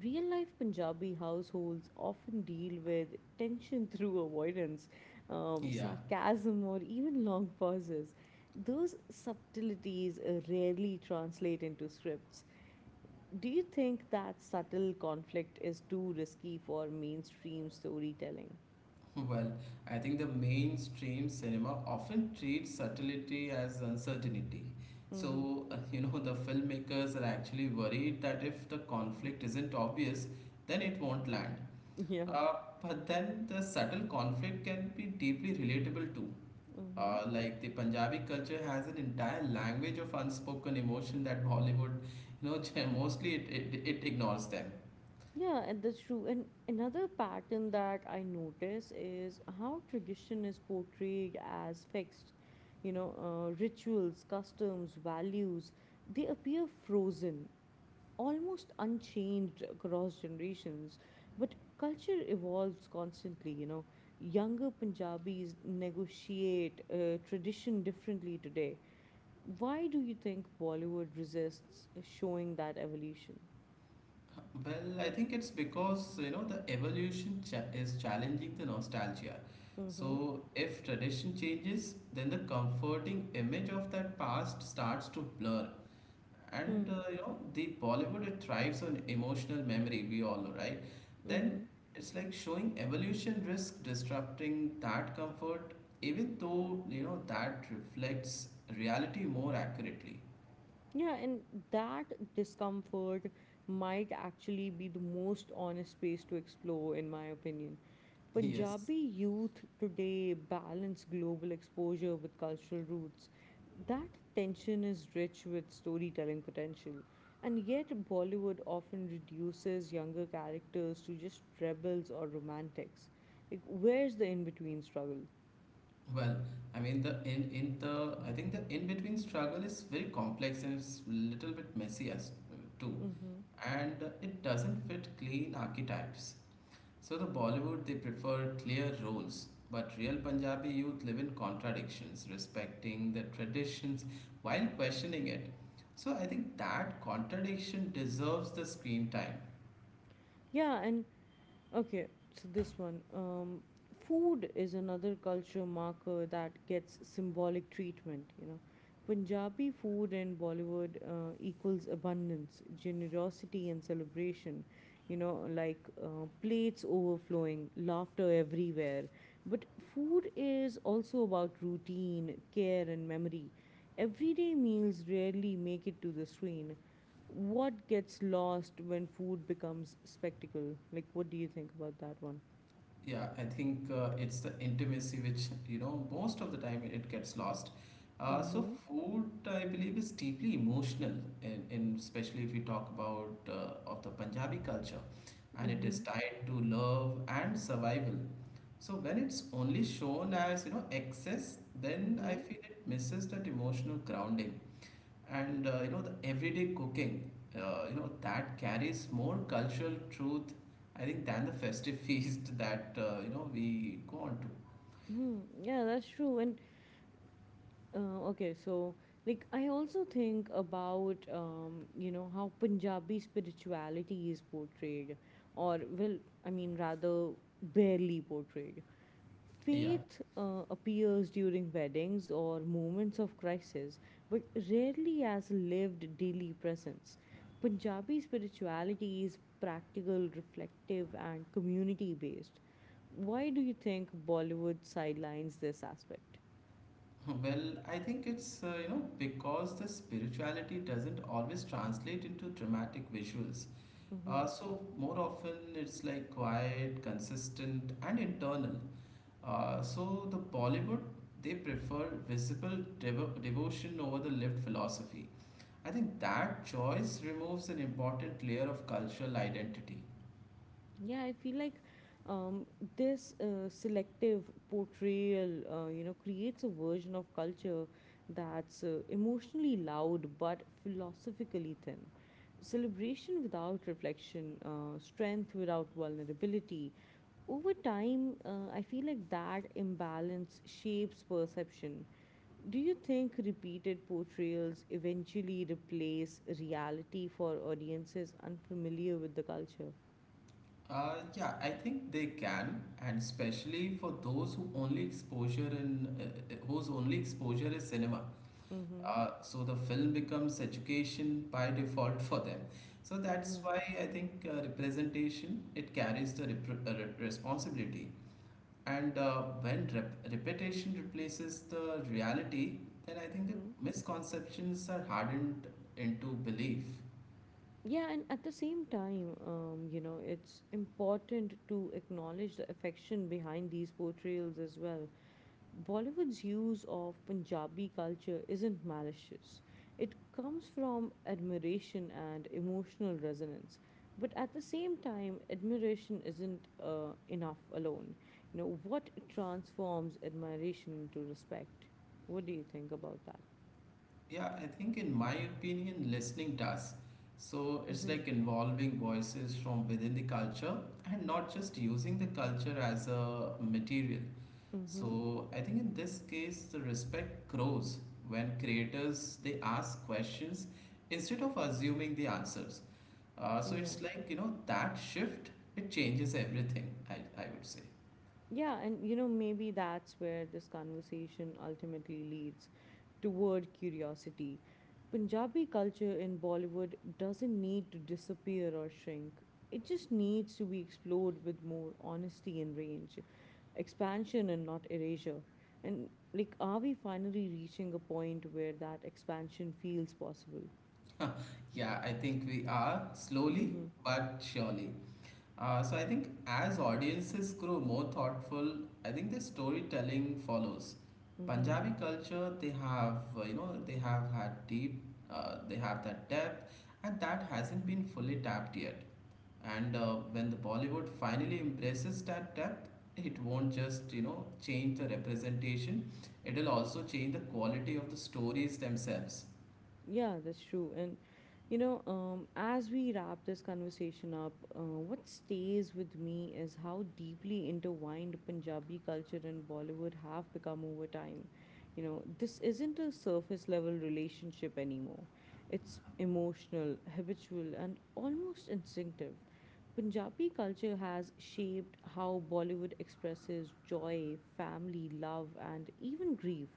[SPEAKER 1] Real life Punjabi households often deal with tension through avoidance,
[SPEAKER 2] Yeah,
[SPEAKER 1] sarcasm, or even long pauses. Those subtleties rarely translate into scripts. Do you think that subtle conflict is too risky for mainstream storytelling?
[SPEAKER 2] well, I think the mainstream cinema often treats subtlety as uncertainty.
[SPEAKER 1] Mm-hmm.
[SPEAKER 2] So, you know, the filmmakers are actually worried that if the conflict isn't obvious, then it won't land.
[SPEAKER 1] Yeah.
[SPEAKER 2] Uh, but then the subtle conflict can be deeply relatable too.
[SPEAKER 1] Mm-hmm.
[SPEAKER 2] Like the Punjabi culture has an entire language of unspoken emotion that Bollywood, you know, mostly it ignores them.
[SPEAKER 1] Yeah, and that's true. And another pattern that I notice is how tradition is portrayed as fixed. You know, rituals, customs, values, they appear frozen, almost unchanged across generations. But culture evolves constantly, you know. Younger Punjabis negotiate tradition differently today. Why do you think Bollywood resists showing that evolution?
[SPEAKER 2] Well, I think it's because, you know, the evolution is challenging the nostalgia.
[SPEAKER 1] Mm-hmm.
[SPEAKER 2] So, if tradition changes, then the comforting image of that past starts to blur. And
[SPEAKER 1] Hmm.
[SPEAKER 2] you know, the Bollywood it thrives on emotional memory, we all know, right? Then
[SPEAKER 1] Mm-hmm.
[SPEAKER 2] it's like showing evolution risk disrupting that comfort, even though you know that reflects reality more accurately.
[SPEAKER 1] Yeah, and that discomfort might actually be the most honest space to explore, in my opinion.
[SPEAKER 2] Yes.
[SPEAKER 1] Punjabi youth today balance global exposure with cultural roots. That tension is rich with storytelling potential. And yet, Bollywood often reduces younger characters to just rebels or romantics. Like, where's the in between struggle?
[SPEAKER 2] Well, I mean the in the I think the in between struggle is very complex and it's little bit messy as too,
[SPEAKER 1] Mm-hmm.
[SPEAKER 2] and it doesn't fit clean archetypes. So the Bollywood they prefer clear roles, but real Punjabi youth live in contradictions, respecting the traditions while questioning it. So I think that contradiction deserves the screen time.
[SPEAKER 1] Yeah, and okay, so this one. Food is another culture marker that gets symbolic treatment, you know. Punjabi food and Bollywood equals abundance, generosity, and celebration. You know, like plates overflowing, laughter everywhere. But food is also about routine, care, and memory. Everyday meals rarely make it to the screen. What gets lost when food becomes spectacle? Like, what do you think about that one?
[SPEAKER 2] Yeah, I think it's the intimacy which most of the time it gets lost. So
[SPEAKER 1] Mm-hmm.
[SPEAKER 2] food, I believe, is deeply emotional, in especially if we talk about of the Punjabi culture, and it is
[SPEAKER 1] Mm-hmm.
[SPEAKER 2] tied to love and survival. So when it's only shown as excess, then I
[SPEAKER 1] Mm-hmm.
[SPEAKER 2] feel it misses that emotional grounding and the everyday cooking. That carries more cultural truth, I think, than the festive feast that we go on to.
[SPEAKER 1] Mm, yeah, that's true. And okay, so like I also think about you know how Punjabi spirituality is portrayed, or well, I mean rather barely portrayed.
[SPEAKER 2] Yeah.
[SPEAKER 1] Faith appears during weddings or moments of crisis, but rarely as lived daily presence. Punjabi spirituality is practical, reflective, and community based. Why do you think Bollywood sidelines this aspect?
[SPEAKER 2] Well, I think it's because the spirituality doesn't always translate into dramatic visuals.
[SPEAKER 1] Mm-hmm.
[SPEAKER 2] So more often it's like quiet, consistent, and internal. So the Bollywood they prefer devotion over the lived philosophy. I think that choice removes an important layer of cultural identity.
[SPEAKER 1] Yeah, I feel like um, this selective portrayal you know creates a version of culture that's emotionally loud but philosophically thin. Celebration without reflection, strength without vulnerability. Over time, I feel like that imbalance shapes perception. Do you think repeated portrayals eventually replace reality for audiences unfamiliar with the culture?
[SPEAKER 2] Yeah, I think they can, and especially for those who only exposure in whose only exposure is cinema.
[SPEAKER 1] Mm-hmm.
[SPEAKER 2] So the film becomes education by default for them. So that's
[SPEAKER 1] Mm-hmm.
[SPEAKER 2] why I think representation it carries the responsibility. And when repetition replaces the reality, then I think the
[SPEAKER 1] Mm-hmm.
[SPEAKER 2] misconceptions are hardened into belief.
[SPEAKER 1] Yeah, and at the same time, you know, it's important to acknowledge the affection behind these portrayals as well. Bollywood's use of Punjabi culture isn't malicious, it comes from admiration and emotional resonance. But at the same time, admiration isn't enough alone. You know, what transforms admiration into respect? What do you think about that?
[SPEAKER 2] Yeah, I think in my opinion, listening does. So it's
[SPEAKER 1] Mm-hmm.
[SPEAKER 2] like involving voices from within the culture and not just using the culture as a material.
[SPEAKER 1] Mm-hmm.
[SPEAKER 2] So I think in this case, the respect grows when creators they ask questions instead of assuming the answers. So it's
[SPEAKER 1] Yeah.
[SPEAKER 2] like, you know, that shift, it changes everything, I would say.
[SPEAKER 1] Yeah, and you know, maybe that's where this conversation ultimately leads toward curiosity. Punjabi culture in Bollywood doesn't need to disappear or shrink, it just needs to be explored with more honesty and range, expansion and not erasure. And like, are we finally reaching a point where that expansion feels possible?
[SPEAKER 2] Huh. Yeah, I think we are slowly
[SPEAKER 1] Mm-hmm.
[SPEAKER 2] but surely. So I think as audiences grow more thoughtful, I think the storytelling follows.
[SPEAKER 1] Mm-hmm.
[SPEAKER 2] Punjabi culture, they have, they have had deep, they have that depth, and that hasn't been fully tapped yet. And when the Bollywood finally embraces that depth, it won't just you know change the representation; it'll also change the quality of the stories themselves.
[SPEAKER 1] Yeah, that's true. And you know, as we wrap this conversation up, what stays with me is how deeply intertwined Punjabi culture and Bollywood have become over time. You know, this isn't a surface level relationship anymore. It's emotional, habitual, and almost instinctive. Punjabi culture has shaped how Bollywood expresses joy, family, love, and even grief.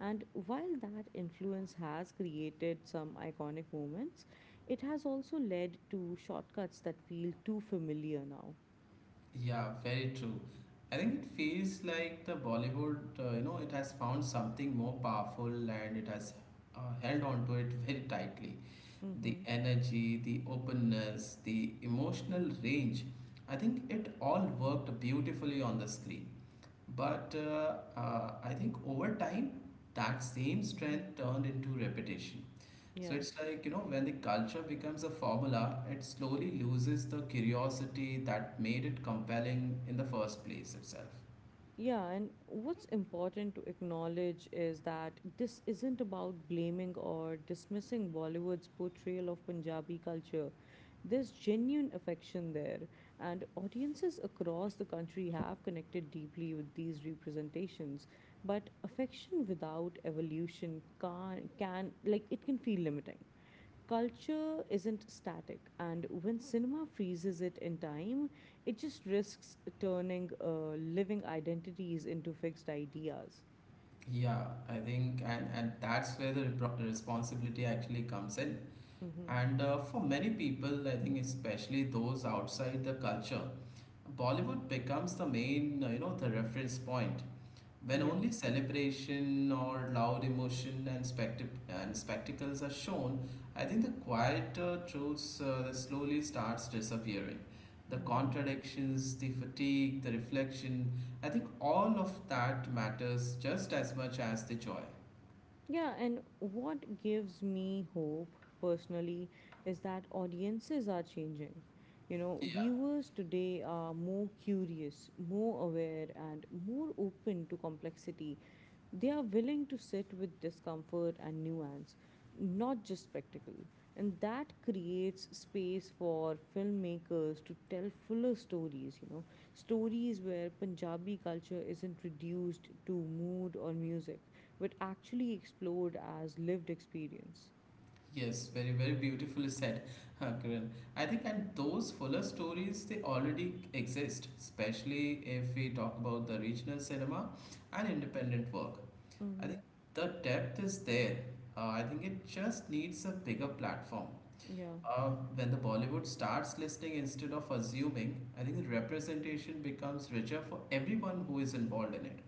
[SPEAKER 1] And while that influence has created some iconic moments, it has also led to shortcuts that feel too familiar now.
[SPEAKER 2] Yeah, very true. I think it feels like the Bollywood, it has found something more powerful and it has held on to it very tightly. The
[SPEAKER 1] Mm-hmm.
[SPEAKER 2] energy, the openness, the emotional range, I think it all worked beautifully on the screen. But I think over time, that same
[SPEAKER 1] Mm-hmm.
[SPEAKER 2] strength turned into repetition. So
[SPEAKER 1] Yeah.
[SPEAKER 2] it's like, you know, when the culture becomes a formula, it slowly loses the curiosity that made it compelling in the first place itself.
[SPEAKER 1] Yeah, and what's important to acknowledge is that this isn't about blaming or dismissing Bollywood's portrayal of Punjabi culture. There's genuine affection there, and audiences across the country have connected deeply with these representations. But affection without evolution it can feel limiting. Culture isn't static, and when cinema freezes it in time, it just risks turning living identities into fixed ideas.
[SPEAKER 2] Yeah, I think, and that's where the responsibility actually comes in.
[SPEAKER 1] Hmm.
[SPEAKER 2] And for many people, I think, especially those outside the culture, Bollywood becomes the main, the reference point. When
[SPEAKER 1] Yeah.
[SPEAKER 2] only celebration or loud emotion and spectacles are shown, I think the quieter truths that slowly starts disappearing. The
[SPEAKER 1] Hmm.
[SPEAKER 2] contradictions, the fatigue, the reflection, I think all of that matters just as much as the joy.
[SPEAKER 1] Yeah, and what gives me hope personally is that audiences are changing. You know,
[SPEAKER 2] Yeah.
[SPEAKER 1] viewers today are more curious, more aware, and more open to complexity. They are willing to sit with discomfort and nuance, not just spectacle. And that creates space for filmmakers to tell fuller stories, you know, stories where Punjabi culture isn't reduced to mood or music, but actually explored as lived experience.
[SPEAKER 2] Yes, very, very beautifully said, Karan. I think, and those fuller stories, they already exist, especially if we talk about the regional cinema and independent work. I think
[SPEAKER 1] Mm-hmm.
[SPEAKER 2] the depth is there. I think it just needs a bigger platform.
[SPEAKER 1] Yeah.
[SPEAKER 2] Uh, when the Bollywood starts listening instead of assuming, I think the representation becomes richer for everyone who is involved in it.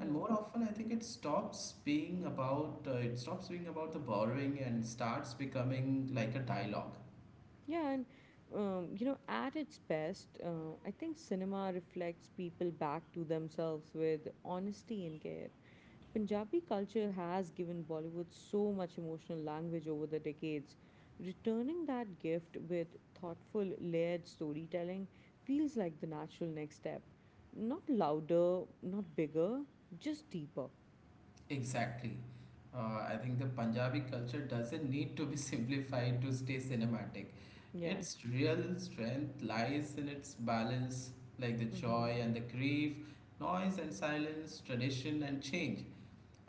[SPEAKER 2] And more often, I think it stops being about the borrowing and starts becoming like a dialogue.
[SPEAKER 1] Yeah, and you know, at its best, I think cinema reflects people back to themselves with honesty and care. Punjabi culture has given Bollywood so much emotional language over the decades. Returning that gift with thoughtful, layered storytelling feels like the natural next step. Not louder, not bigger, just deeper.
[SPEAKER 2] Exactly. I think the Punjabi culture doesn't need to be simplified to stay cinematic.
[SPEAKER 1] Yeah.
[SPEAKER 2] Its real strength lies in its balance, like the
[SPEAKER 1] Mm-hmm.
[SPEAKER 2] joy and the grief, noise and silence, tradition and change.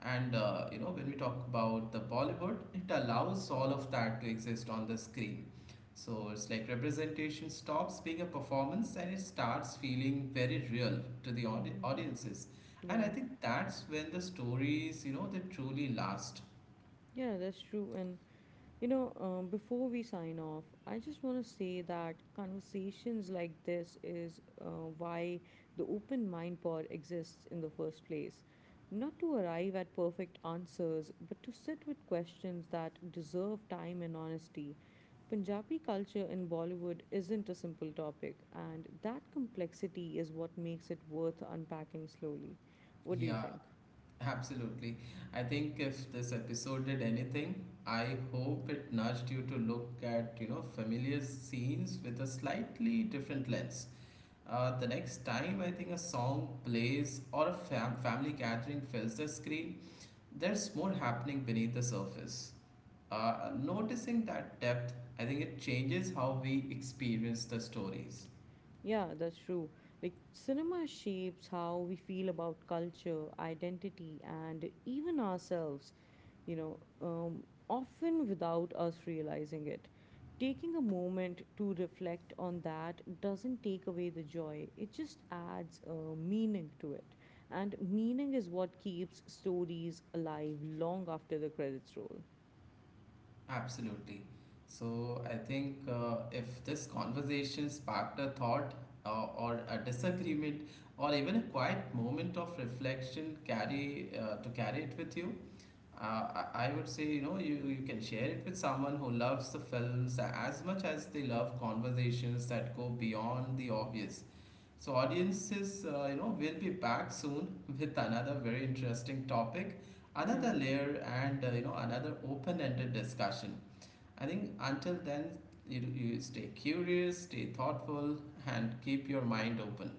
[SPEAKER 2] And when we talk about the Bollywood, it allows all of that to exist on the screen. So it's like representation stops being a performance and it starts feeling very real to the
[SPEAKER 1] Mm-hmm.
[SPEAKER 2] audiences. And I
[SPEAKER 1] Yeah.
[SPEAKER 2] think that's when the stories, you know, they truly last.
[SPEAKER 1] Yeah, that's true. And you know, before we sign off, I just want to say that conversations like this is why the Open Mind Pod exists in the first place. Not to arrive at perfect answers, but to sit with questions that deserve time and honesty. Punjabi culture in Bollywood isn't a simple topic, and that complexity is what makes it worth unpacking slowly. What do you
[SPEAKER 2] Yeah,
[SPEAKER 1] think?
[SPEAKER 2] absolutely. I think if this episode did anything, I hope it nudged you to look at, you know, familiar scenes with a slightly different lens. The next time I think a song plays or a family gathering fills the screen, there's more happening beneath the surface. Noticing that depth, I think it changes how we experience the stories.
[SPEAKER 1] Yeah, that's true. Like, cinema shapes how we feel about culture, identity, and even ourselves, you know, often without us realizing it. Taking a moment to reflect on that doesn't take away the joy, it just adds meaning to it. And meaning is what keeps stories alive long after the credits roll.
[SPEAKER 2] Absolutely. So I think if this conversation sparked a thought or a disagreement or even a quiet moment of reflection, carry to carry it with you. I would say, you know, you can share it with someone who loves the films as much as they love conversations that go beyond the obvious. So, audiences, will be back soon with another very interesting topic, another
[SPEAKER 1] Yeah.
[SPEAKER 2] layer, and, another open ended discussion. I think until then, you stay curious, stay thoughtful, and keep your mind open.